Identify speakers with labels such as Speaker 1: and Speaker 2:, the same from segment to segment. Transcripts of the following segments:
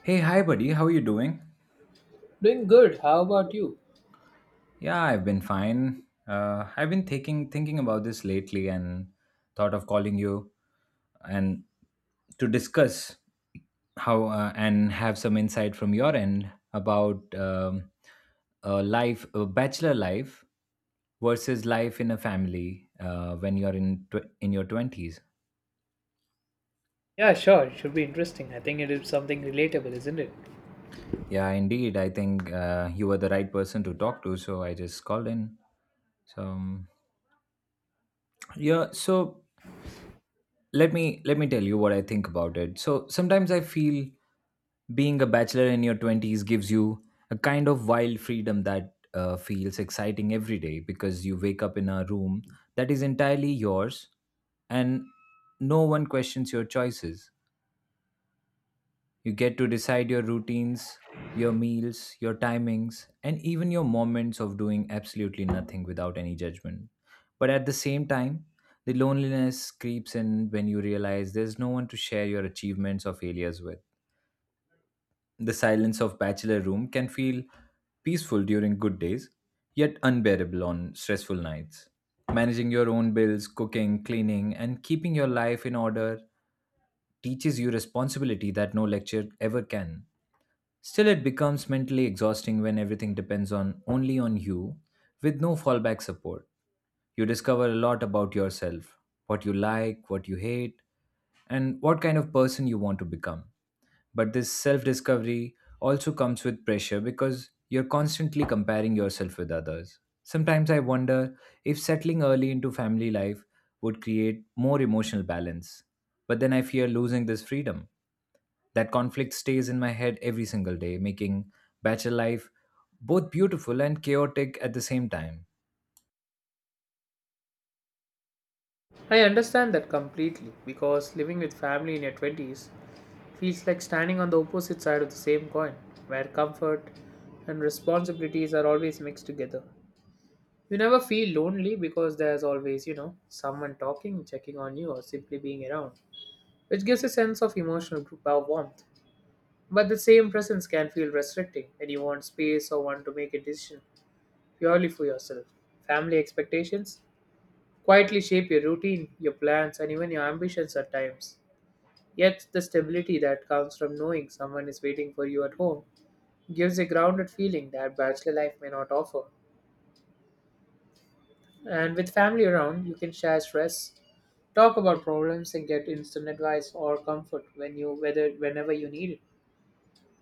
Speaker 1: Hey, hi, buddy. How are you doing?
Speaker 2: Doing good. How about you?
Speaker 1: Yeah, I've been fine. I've been thinking about this lately, and thought of calling you and to discuss how and have some insight from your end about life, bachelor life versus life in a family when you're in in your twenties.
Speaker 2: Yeah, sure. It should be interesting. I think it is something relatable, isn't it?
Speaker 1: Yeah, indeed. I think you were the right person to talk to, so I just called in. So um, yeah, so let me tell you what I think about it. So sometimes I feel being a bachelor in your 20s gives you a kind of wild freedom that feels exciting every day because you wake up in a room that is entirely yours and no one questions your choices. You get to decide your routines, your meals, your timings, and even your moments of doing absolutely nothing without any judgment. But at the same time, the loneliness creeps in when you realize there's no one to share your achievements or failures with. The silence of bachelor room can feel peaceful during good days, yet unbearable on stressful nights. Managing your own bills, cooking, cleaning, and keeping your life in order teaches you responsibility that no lecture ever can. Still, it becomes mentally exhausting when everything depends on only on you, with no fallback support. You discover a lot about yourself, what you like, what you hate, and what kind of person you want to become. But this self discovery also comes with pressure because you're constantly comparing yourself with others. Sometimes I wonder if settling early into family life would create more emotional balance. But then I fear losing this freedom. That conflict stays in my head every single day, making bachelor life both beautiful and chaotic at the same time.
Speaker 2: I understand that completely because living with family in your 20s feels like standing on the opposite side of the same coin, where comfort and responsibilities are always mixed together. You never feel lonely because there's always, you know, someone talking, checking on you, or simply being around, which gives a sense of emotional warmth. But the same presence can feel restricting when you want space or want to make a decision purely for yourself. Family expectations quietly shape your routine, your plans, and even your ambitions at times. Yet, the stability that comes from knowing someone is waiting for you at home gives a grounded feeling that bachelor life may not offer. And with family around, you can share stress, talk about problems, and get instant advice or comfort when you whether whenever you need it.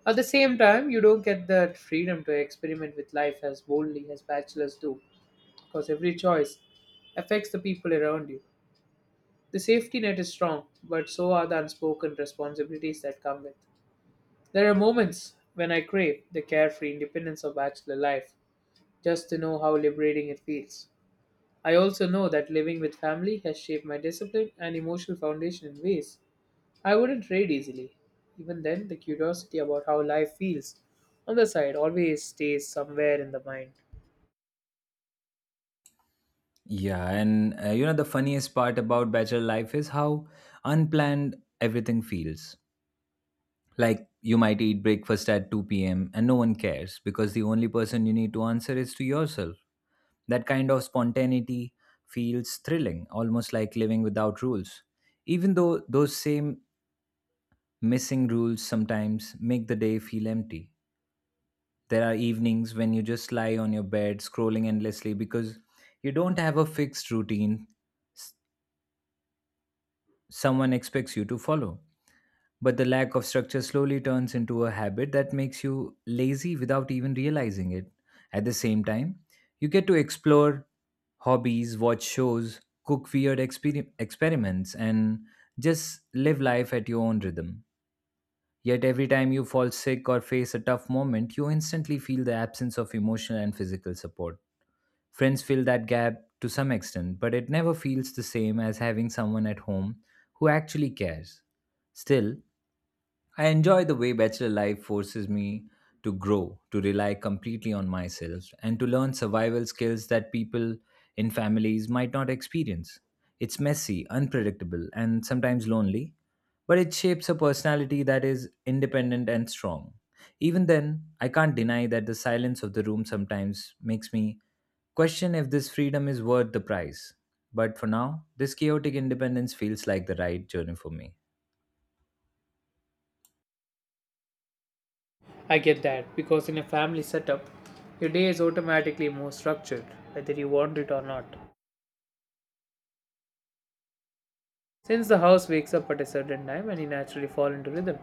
Speaker 2: At the same time, you don't get that freedom to experiment with life as boldly as bachelors do, because every choice affects the people around you. The safety net is strong, but so are the unspoken responsibilities that come with. There are moments when I crave the carefree independence of bachelor life, just to know how liberating it feels. I also know that living with family has shaped my discipline and emotional foundation in ways I wouldn't trade easily. Even then, the curiosity about how life feels on the side always stays somewhere in the mind.
Speaker 1: Yeah, and you know, the funniest part about bachelor life is how unplanned everything feels. Like you might eat breakfast at 2 p.m. and no one cares because the only person you need to answer is to yourself. That kind of spontaneity feels thrilling, almost like living without rules. Even though those same missing rules sometimes make the day feel empty. There are evenings when you just lie on your bed scrolling endlessly because you don't have a fixed routine s- someone expects you to follow. But the lack of structure slowly turns into a habit that makes you lazy without even realizing it. At the same time, you get to explore hobbies, watch shows, cook weird experiments, and just live life at your own rhythm. Yet every time you fall sick or face a tough moment, you instantly feel the absence of emotional and physical support. Friends fill that gap to some extent, but it never feels the same as having someone at home who actually cares. Still, I enjoy the way bachelor life forces me to grow, to rely completely on myself, and to learn survival skills that people in families might not experience. It's messy, unpredictable, and sometimes lonely, but it shapes a personality that is independent and strong. Even then, I can't deny that the silence of the room sometimes makes me question if this freedom is worth the price. But for now, this chaotic independence feels like the right journey for me.
Speaker 2: I get that because in a family setup, your day is automatically more structured, whether you want it or not. Since the house wakes up at a certain time and you naturally fall into rhythm,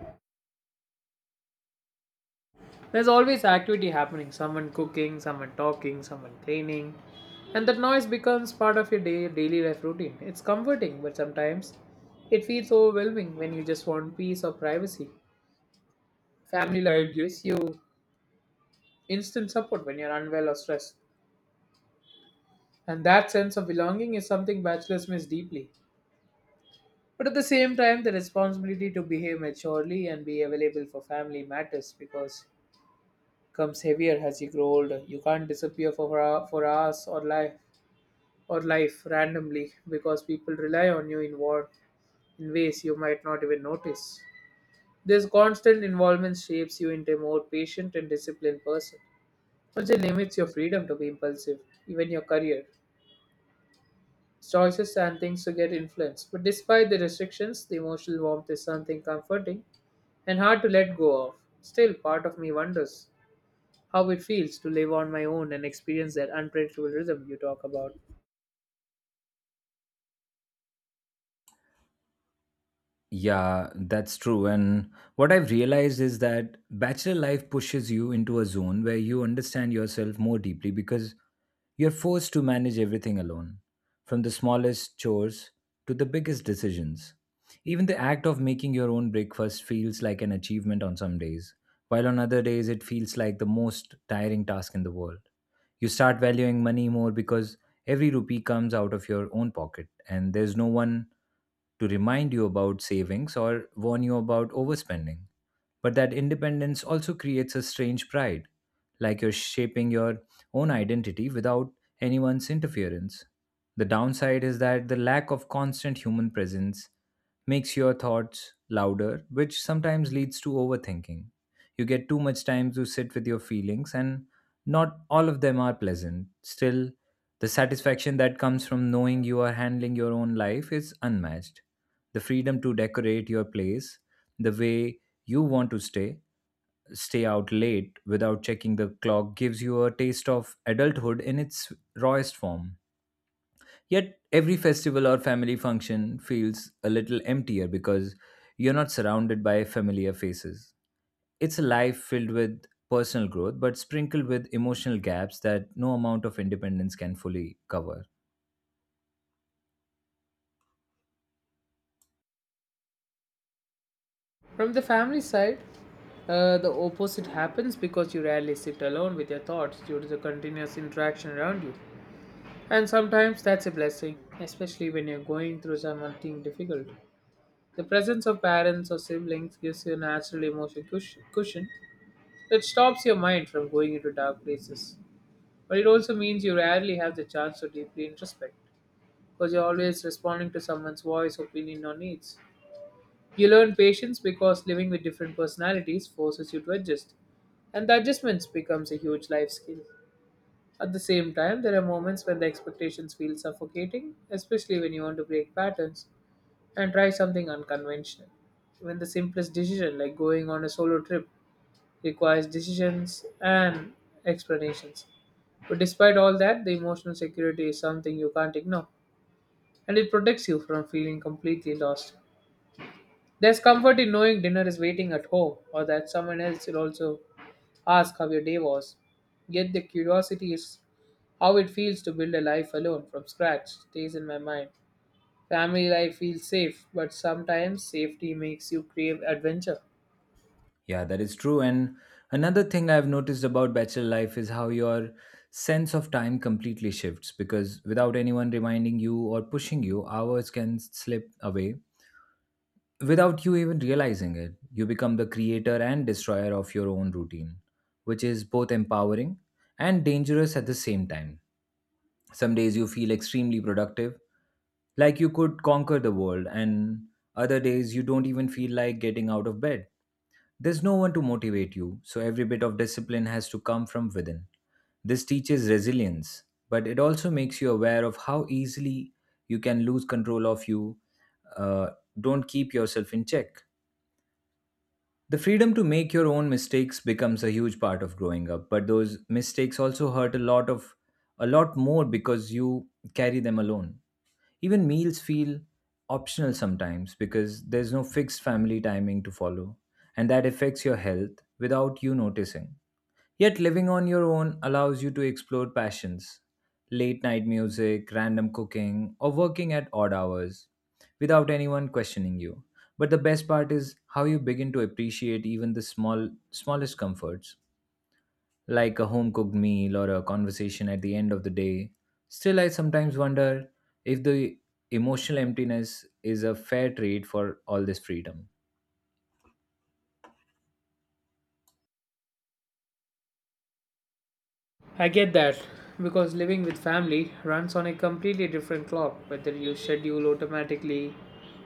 Speaker 2: there's always activity happening, someone cooking, someone talking, someone cleaning, and that noise becomes part of your day, daily life routine. It's comforting, but sometimes it feels overwhelming when you just want peace or privacy. Family life gives you instant support when you're unwell or stressed, and that sense of belonging is something bachelors miss deeply. But at the same time, the responsibility to behave maturely and be available for family matters because comes heavier as you grow older. You can't disappear for hours or life randomly because people rely on you in ways you might not even notice. This constant involvement shapes you into a more patient and disciplined person. Also limits your freedom to be impulsive, even your career. Choices and things to get influenced. But despite the restrictions, the emotional warmth is something comforting and hard to let go of. Still, part of me wonders how it feels to live on my own and experience that unpredictable rhythm you talk about.
Speaker 1: Yeah, that's true. And what I've realized is that bachelor life pushes you into a zone where you understand yourself more deeply because you're forced to manage everything alone, from the smallest chores to the biggest decisions. Even the act of making your own breakfast feels like an achievement on some days, while on other days it feels like the most tiring task in the world. You start valuing money more because every rupee comes out of your own pocket and there's no one to remind you about savings or warn you about overspending. But that independence also creates a strange pride, like you're shaping your own identity without anyone's interference. The downside is that the lack of constant human presence makes your thoughts louder, which sometimes leads to overthinking. You get too much time to sit with your feelings, and not all of them are pleasant. Still, the satisfaction that comes from knowing you are handling your own life is unmatched. The freedom to decorate your place the way you want to stay. Stay out late without checking the clock gives you a taste of adulthood in its rawest form. Yet every festival or family function feels a little emptier because you're not surrounded by familiar faces. It's a life filled with personal growth but sprinkled with emotional gaps that no amount of independence can fully cover.
Speaker 2: From the family side, the opposite happens because you rarely sit alone with your thoughts due to the continuous interaction around you. And sometimes that's a blessing, especially when you're going through something difficult. The presence of parents or siblings gives you a natural emotional cushion that stops your mind from going into dark places. But it also means you rarely have the chance to deeply introspect because you're always responding to someone's voice, opinion, or needs. You learn patience because living with different personalities forces you to adjust, and the adjustments becomes a huge life skill. At the same time, there are moments when the expectations feel suffocating, especially when you want to break patterns and try something unconventional. When the simplest decision, like going on a solo trip, requires decisions and explanations. But despite all that, the emotional security is something you can't ignore, and it protects you from feeling completely lost. There's comfort in knowing dinner is waiting at home or that someone else will also ask how your day was. Yet the curiosity is how it feels to build a life alone from scratch stays in my mind. Family life feels safe, but sometimes safety makes you crave adventure.
Speaker 1: Yeah, that is true. And another thing I've noticed about bachelor life is how your sense of time completely shifts because without anyone reminding you or pushing you, hours can slip away without you even realizing it. You become the creator and destroyer of your own routine, which is both empowering and dangerous at the same time. Some days you feel extremely productive, like you could conquer the world, and other days you don't even feel like getting out of bed there's no one to motivate you, so every bit of discipline has to come from within. This teaches resilience, but it also makes you aware of how easily you can lose control of you. Uh, don't keep yourself in check. The freedom to make your own mistakes becomes a huge part of growing up, but those mistakes also hurt a lot of a lot more because you carry them alone. Even meals feel optional sometimes because there's no fixed family timing to follow, and that affects your health without you noticing. Yet, living on your own allows you to explore passions late night music, random cooking, or working at odd hours without anyone questioning you. But the best part is how you begin to appreciate even the smallest comforts like a home cooked meal or a conversation at the end of the day. Still, I sometimes wonder if the emotional emptiness is a fair trade for all this freedom.
Speaker 2: I get that because living with family runs on a completely different clock, whether your schedule automatically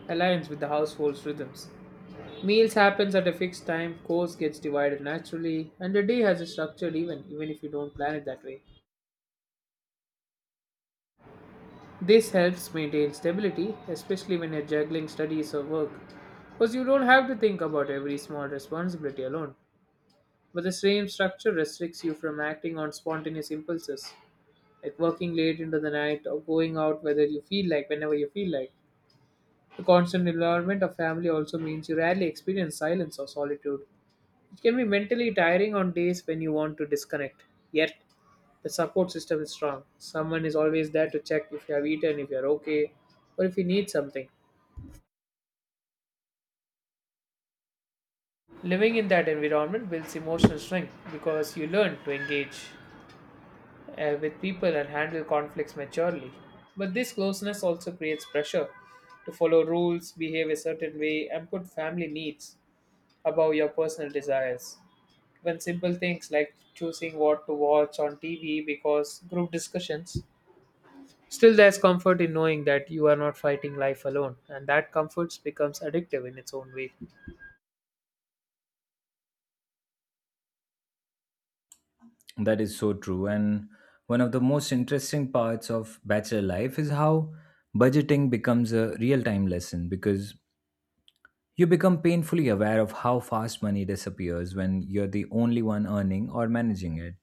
Speaker 2: aligns with the household's rhythms. Meals happens at a fixed time, course gets divided naturally, and the day has a structured even if you don't plan it that way. This helps maintain stability, especially when you're juggling studies or work, because you don't have to think about every small responsibility alone. But the same structure restricts you from acting on spontaneous impulses, like working late into the night or going out whether you feel like, whenever you feel like. The constant involvement of family also means you rarely experience silence or solitude, it can be mentally tiring on days when you want to disconnect, yet the support system is strong. Someone is always there to check if you have eaten, if you're okay, or if you need something. Living in that environment builds emotional strength because you learn to engage with people and handle conflicts maturely. But this closeness also creates pressure to follow rules, behave a certain way, and put family needs above your personal desires. Even simple things like choosing what to watch on TV because group discussions. Still, there's comfort in knowing that you are not fighting life alone, and that comfort becomes addictive in its own way.
Speaker 1: That is so true. And one of the most interesting parts of bachelor life is how budgeting becomes a real time lesson because you become painfully aware of how fast money disappears when you're the only one earning or managing it.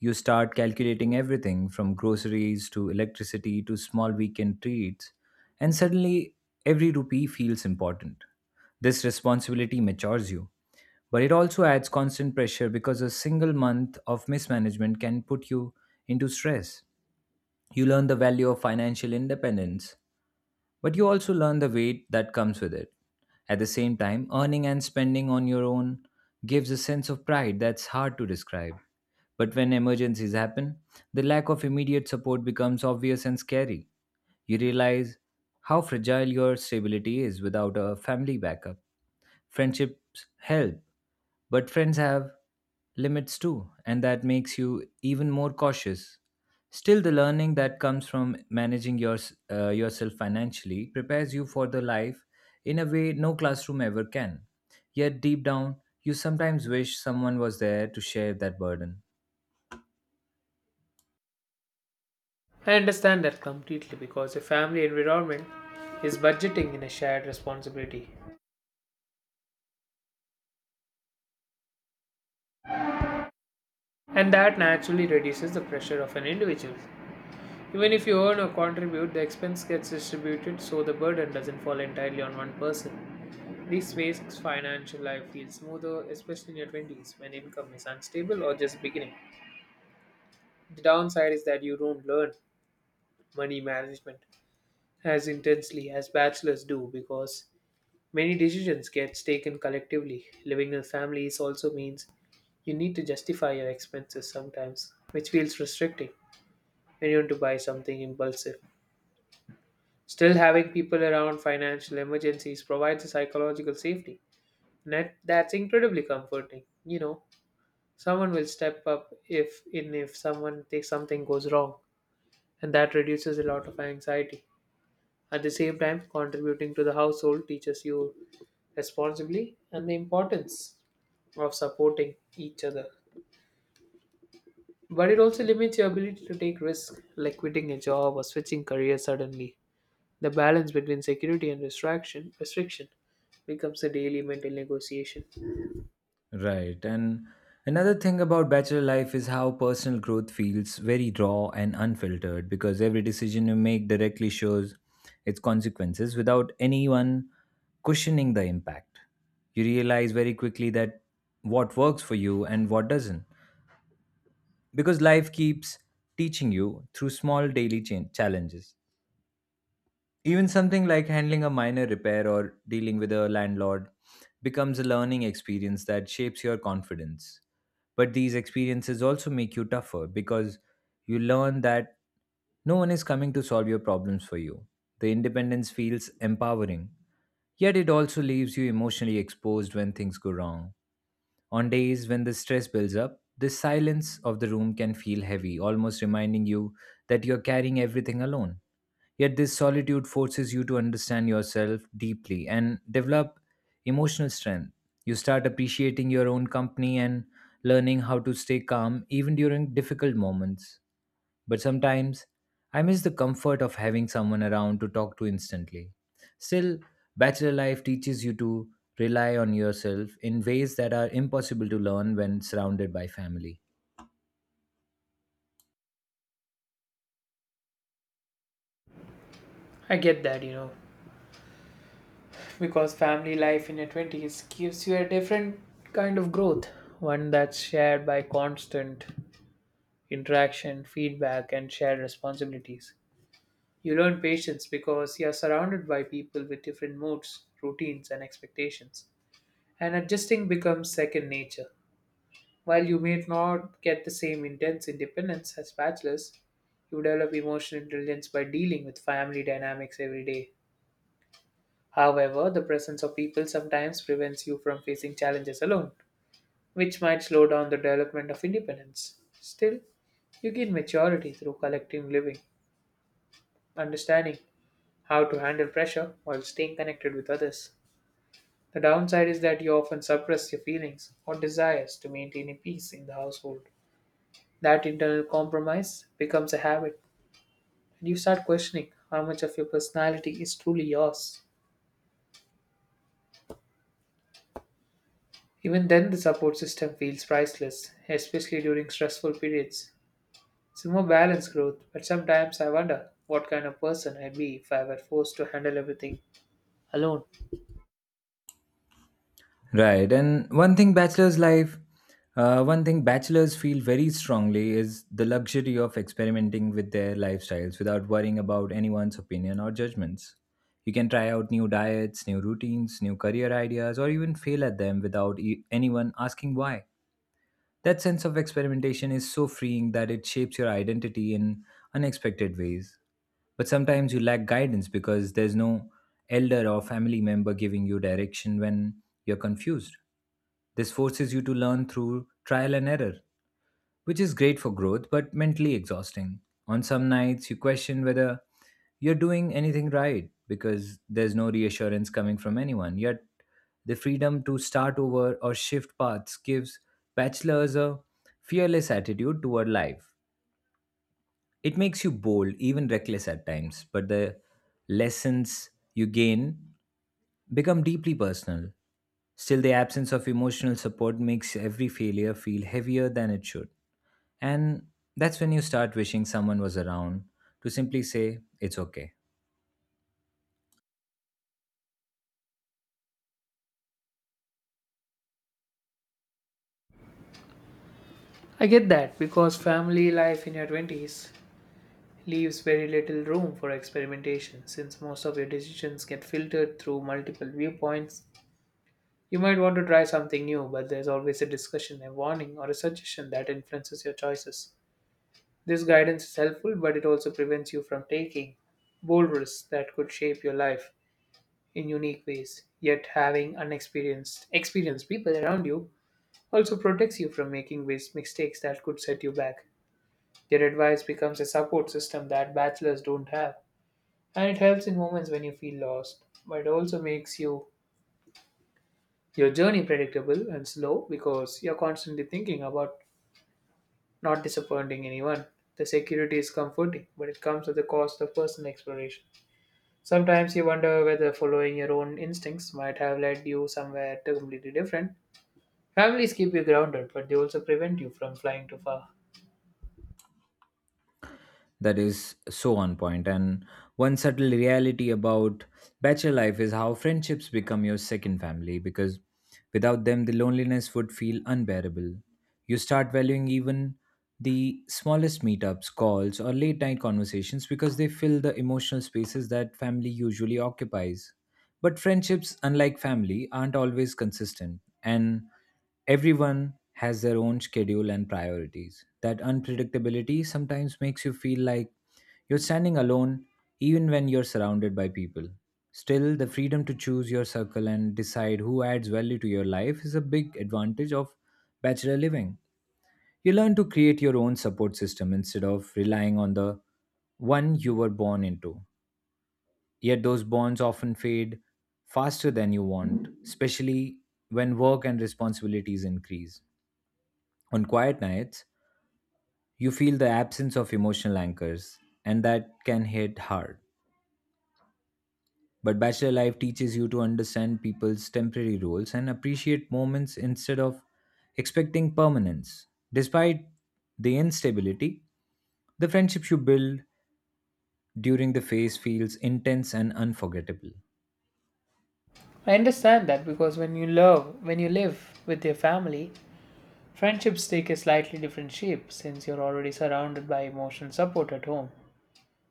Speaker 1: You start calculating everything from groceries to electricity to small weekend treats, and suddenly every rupee feels important. This responsibility matures you, but it also adds constant pressure because a single month of mismanagement can put you into stress. You learn the value of financial independence but you also learn the weight that comes with it. At the same time, earning and spending on your own gives a sense of pride that's hard to describe. But when emergencies happen, the lack of immediate support becomes obvious and scary. You realize how fragile your stability is without a family backup. Friendships help, but friends have limits too, and that makes you even more cautious. Still, the learning that comes from managing yourself financially prepares you for the life in a way no classroom ever can. Yet, deep down, you sometimes wish someone was there to share that burden.
Speaker 2: I understand that completely because a family environment is budgeting in a shared responsibility, and that naturally reduces the pressure of an individual. Even if you earn or contribute, the expense gets distributed so the burden doesn't fall entirely on one person. This makes financial life feel smoother, especially in your 20s when income is unstable or just beginning. The downside is that you don't learn money management as intensely as bachelors do because many decisions get taken collectively. Living in families also means you need to justify your expenses sometimes, which feels restricting when you want to buy something impulsive. Still, having people around financial emergencies provides a psychological safety. Net, that's incredibly comforting, you know, someone will step up if someone takes something goes wrong, and that reduces a lot of anxiety. At the same time, contributing to the household teaches you responsibly and the importance of supporting each other, but it also limits your ability to take risks like quitting a job or switching career suddenly. The balance between security and restriction becomes a daily mental negotiation.
Speaker 1: Right. And another thing about bachelor life is how personal growth feels very raw and unfiltered because every decision you make directly shows its consequences without anyone cushioning the impact. You realize very quickly that what works for you and what doesn't because life keeps teaching you through small daily challenges. Even something like handling a minor repair or dealing with a landlord becomes a learning experience that shapes your confidence. But these experiences also make you tougher because you learn that no one is coming to solve your problems for you. The independence feels empowering, yet it also leaves you emotionally exposed when things go wrong. On days when the stress builds up, the silence of the room can feel heavy, almost reminding you that you're carrying everything alone. Yet, this solitude forces you to understand yourself deeply and develop emotional strength. You start appreciating your own company and learning how to stay calm even during difficult moments. But sometimes I miss the comfort of having someone around to talk to instantly. Still, bachelor life teaches you to rely on yourself in ways that are impossible to learn when surrounded by family.
Speaker 2: I get that, you know, because family life in your 20s gives you a different kind of growth, one that's shared by constant interaction, feedback, and shared responsibilities. You learn patience because you are surrounded by people with different moods, routines, and expectations. And adjusting becomes second nature. While you may not get the same intense independence as bachelors, you develop emotional intelligence by dealing with family dynamics every day. However, the presence of people sometimes prevents you from facing challenges alone, which might slow down the development of independence. Still, you gain maturity through collective living, understanding how to handle pressure while staying connected with others. The downside is that you often suppress your feelings or desires to maintain a peace in the household. That internal compromise becomes a habit, and you start questioning how much of your personality is truly yours. Even then, the support system feels priceless, especially during stressful periods. It's a more balanced growth, but sometimes I wonder what kind of person I'd be if I were forced to handle everything alone.
Speaker 1: Right, and one thing bachelors feel very strongly is the luxury of experimenting with their lifestyles without worrying about anyone's opinion or judgments. You can try out new diets, new routines, new career ideas, or even fail at them without anyone asking why. That sense of experimentation is so freeing that it shapes your identity in unexpected ways. But sometimes you lack guidance because there's no elder or family member giving you direction when you're confused. This forces you to learn through trial and error, which is great for growth but mentally exhausting. On some nights, you question whether you're doing anything right because there's no reassurance coming from anyone. Yet, the freedom to start over or shift paths gives bachelors a fearless attitude toward life. It makes you bold, even reckless at times, but the lessons you gain become deeply personal. Still, the absence of emotional support makes every failure feel heavier than it should. And that's when you start wishing someone was around to simply say, it's okay.
Speaker 2: I get that because family life in your 20s leaves very little room for experimentation since most of your decisions get filtered through multiple viewpoints. You might want to try something new, but there's always a discussion, a warning, or a suggestion that influences your choices. This guidance is helpful, but it also prevents you from taking bold risks that could shape your life in unique ways. Yet having unexperienced experienced people around you also protects you from making waste mistakes that could set you back. Their advice becomes a support system that bachelors don't have, and it helps in moments when you feel lost, but it also makes you your journey predictable and slow because you're constantly thinking about not disappointing anyone. The security is comforting, but it comes at the cost of personal exploration. Sometimes you wonder whether following your own instincts might have led you somewhere completely different. Families keep you grounded, but they also prevent you from flying too far.
Speaker 1: That is so on point. And one subtle reality about bachelor life is how friendships become your second family because without them, the loneliness would feel unbearable. You start valuing even the smallest meetups, calls, or late night conversations because they fill the emotional spaces that family usually occupies. But friendships, unlike family, aren't always consistent. And everyone has their own schedule and priorities. That unpredictability sometimes makes you feel like you're standing alone even when you're surrounded by people. Still, the freedom to choose your circle and decide who adds value to your life is a big advantage of bachelor living. You learn to create your own support system instead of relying on the one you were born into. Yet those bonds often fade faster than you want, especially when work and responsibilities increase. On quiet nights, you feel the absence of emotional anchors, and that can hit hard. But bachelor life teaches you to understand people's temporary roles and appreciate moments instead of expecting permanence. Despite the instability, the friendships you build during the phase feels intense and unforgettable.
Speaker 2: I understand that because when you live with your family, friendships take a slightly different shape since you're already surrounded by emotional support at home.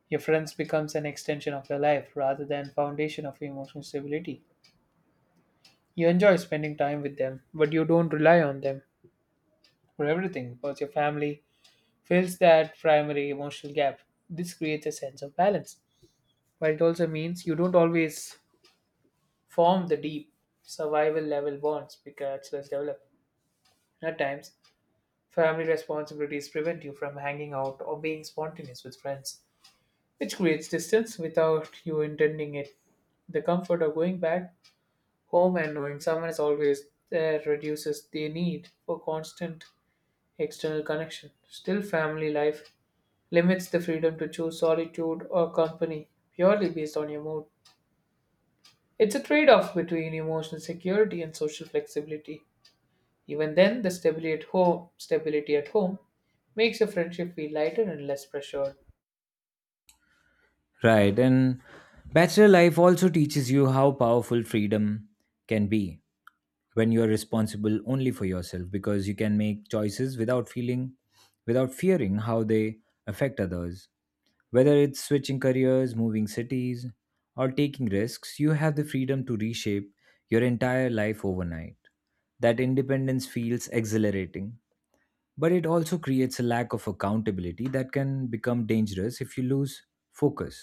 Speaker 2: Your friends becomes an extension of your life rather than foundation of your emotional stability. You enjoy spending time with them, but you don't rely on them for everything because your family fills that primary emotional gap. This creates a sense of balance, but it also means you don't always form the deep survival level bonds bachelors develop. At times, family responsibilities prevent you from hanging out or being spontaneous with friends, which creates distance without you intending it. The comfort of going back home and knowing someone is always there reduces the need for constant external connection. Still, family life limits the freedom to choose solitude or company purely based on your mood. It's a trade off between emotional security and social flexibility. Even then, the stability at home makes your friendship feel lighter and less pressured.
Speaker 1: Right, and bachelor life also teaches you how powerful freedom can be, when you are responsible only for yourself because you can make choices without feeling without fearing how they affect others, whether it's switching careers, moving cities, or taking risks. You have the freedom to reshape your entire life overnight. That independence feels exhilarating, but it also creates a lack of accountability that can become dangerous if you lose focus.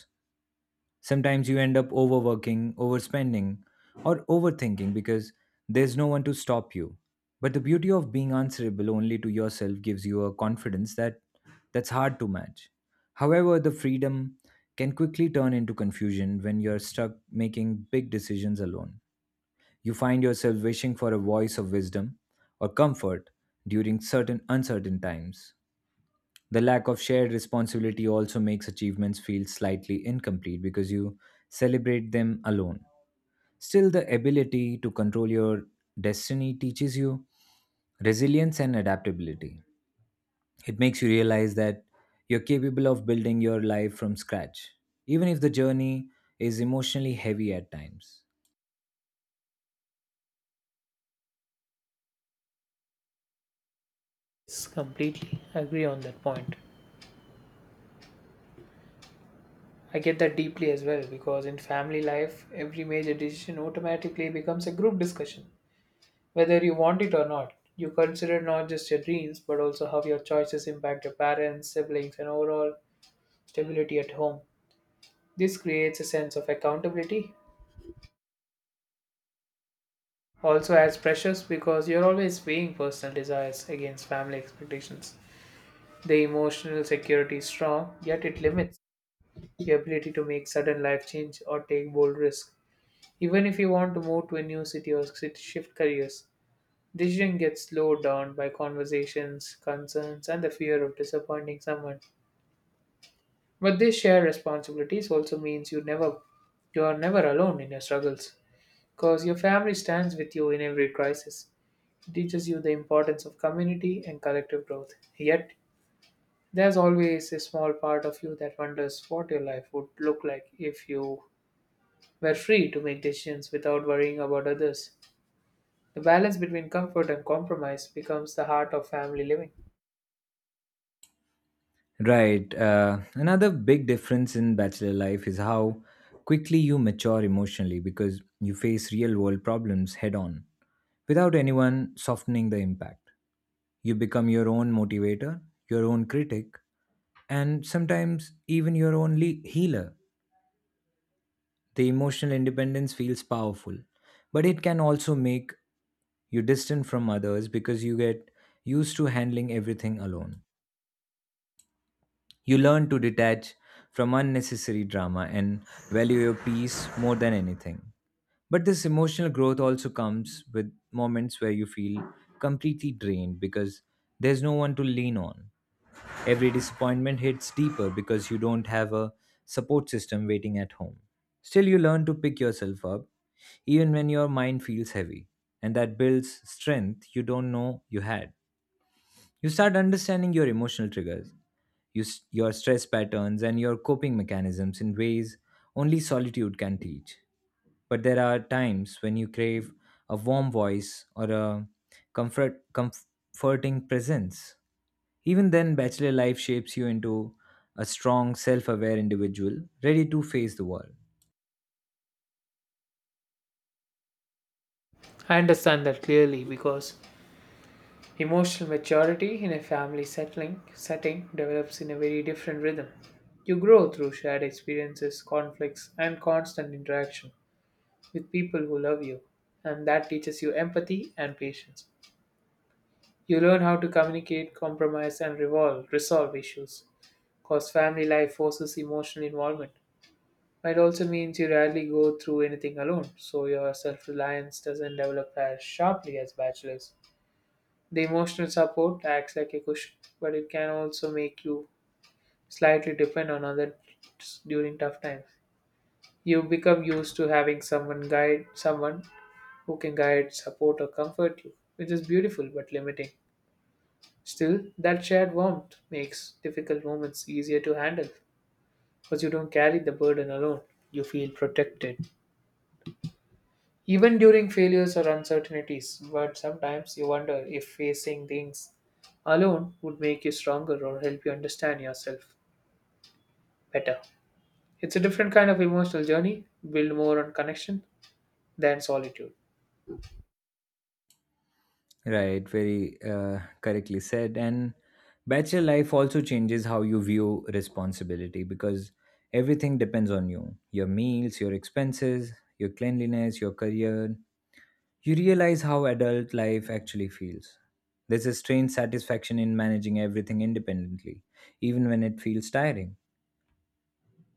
Speaker 1: Sometimes you end up overworking, overspending, or overthinking because there's no one to stop you. But the beauty of being answerable only to yourself gives you a confidence that's hard to match. However, the freedom can quickly turn into confusion when you're stuck making big decisions alone. You find yourself wishing for a voice of wisdom or comfort during certain uncertain times. The lack of shared responsibility also makes achievements feel slightly incomplete because you celebrate them alone. Still, the ability to control your destiny teaches you resilience and adaptability. It makes you realize that you're capable of building your life from scratch, even if the journey is emotionally heavy at times.
Speaker 2: Yes, completely agree on that point. I get that deeply as well because in family life, every major decision automatically becomes a group discussion. Whether you want it or not, you consider not just your dreams but also how your choices impact your parents, siblings, and overall stability at home. This creates a sense of accountability. Also adds pressures because you're always weighing personal desires against family expectations. The emotional security is strong, yet it limits your ability to make sudden life change or take bold risks. Even if you want to move to a new city or shift careers, decision gets slowed down by conversations, concerns, and the fear of disappointing someone. But this shared responsibilities also means you are never alone in your struggles, because your family stands with you in every crisis. It teaches you the importance of community and collective growth. Yet, there's always a small part of you that wonders what your life would look like if you were free to make decisions without worrying about others. The balance between comfort and compromise becomes the heart of family living.
Speaker 1: Right. Another big difference in bachelor life is how quickly you mature emotionally because you face real world problems head on without anyone softening the impact. You become your own motivator, your own critic, and sometimes even your own healer. The emotional independence feels powerful, but it can also make you distant from others because you get used to handling everything alone. You learn to detach from unnecessary drama and value your peace more than anything. But this emotional growth also comes with moments where you feel completely drained because there's no one to lean on. Every disappointment hits deeper because you don't have a support system waiting at home. Still, you learn to pick yourself up even when your mind feels heavy, and that builds strength you don't know you had. You start understanding your emotional triggers, your stress patterns, and your coping mechanisms in ways only solitude can teach. But there are times when you crave a warm voice or a comforting presence. Even then, bachelor life shapes you into a strong, self aware individual ready to face the world.
Speaker 2: I understand that clearly because emotional maturity in a family settling setting develops in a very different rhythm. You grow through shared experiences, conflicts, and constant interaction with people who love you, and that teaches you empathy and patience. You learn how to communicate, compromise, and resolve issues. Because family life forces emotional involvement. But it also means you rarely go through anything alone, so your self reliance doesn't develop as sharply as bachelors. The emotional support acts like a cushion, but it can also make you slightly depend on others during tough times. You become used to having someone who can guide, support, or comfort you, which is beautiful but limiting. Still, that shared warmth makes difficult moments easier to handle because you don't carry the burden alone. You feel protected, even during failures or uncertainties. But sometimes you wonder if facing things alone would make you stronger or help you understand yourself better. It's a different kind of emotional journey, build more on connection than solitude.
Speaker 1: Right, very correctly said. And bachelor life also changes how you view responsibility because everything depends on you, your meals, your expenses, your cleanliness, your career. You realize how adult life actually feels. There's a strange satisfaction in managing everything independently, even when it feels tiring.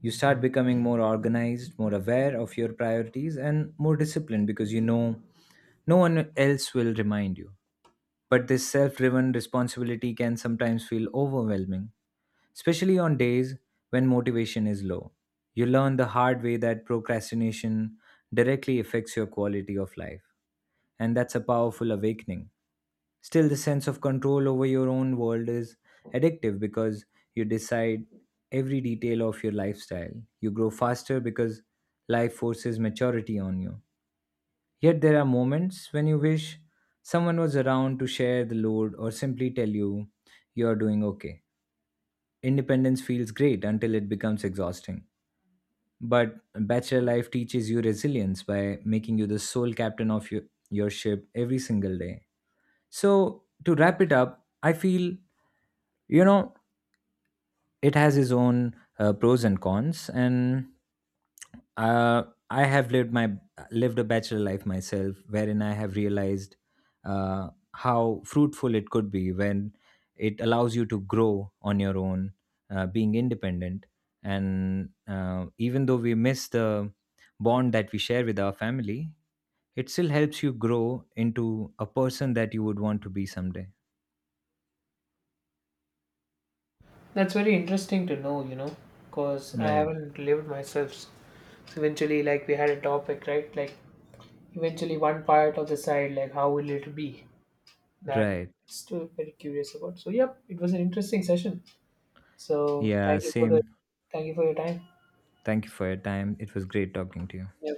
Speaker 1: You start becoming more organized, more aware of your priorities, and more disciplined because you know no one else will remind you. But this self driven responsibility can sometimes feel overwhelming, especially on days when motivation is low. You learn the hard way that procrastination directly affects your quality of life, and that's a powerful awakening. Still, the sense of control over your own world is addictive because you decide every detail of your lifestyle. You grow faster because life forces maturity on you. Yet there are moments when you wish someone was around to share the load or simply tell you you're doing okay. Independence feels great until it becomes exhausting. But bachelor life teaches you resilience by making you the sole captain of your ship every single day. So, to wrap it up, I feel, you know, it has its own pros and cons, and uh, I have lived a bachelor life myself, wherein I have realized uh, how fruitful it could be when it allows you to grow on your own, being independent, and even though we miss the bond that we share with our family, it still helps you grow into a person that you would want to be someday.
Speaker 2: That's very interesting to know, you know, because I
Speaker 1: Right.
Speaker 2: haven't lived myself. So eventually, like we had a topic, right? Like eventually, one part of the side, like how will it be? That
Speaker 1: Right.
Speaker 2: still very curious about. So, yep, it was an interesting session. So
Speaker 1: Yeah,
Speaker 2: thank you for the
Speaker 1: same.
Speaker 2: thank you for your time.
Speaker 1: Thank you for your time. It was great talking to you.
Speaker 2: Yeah,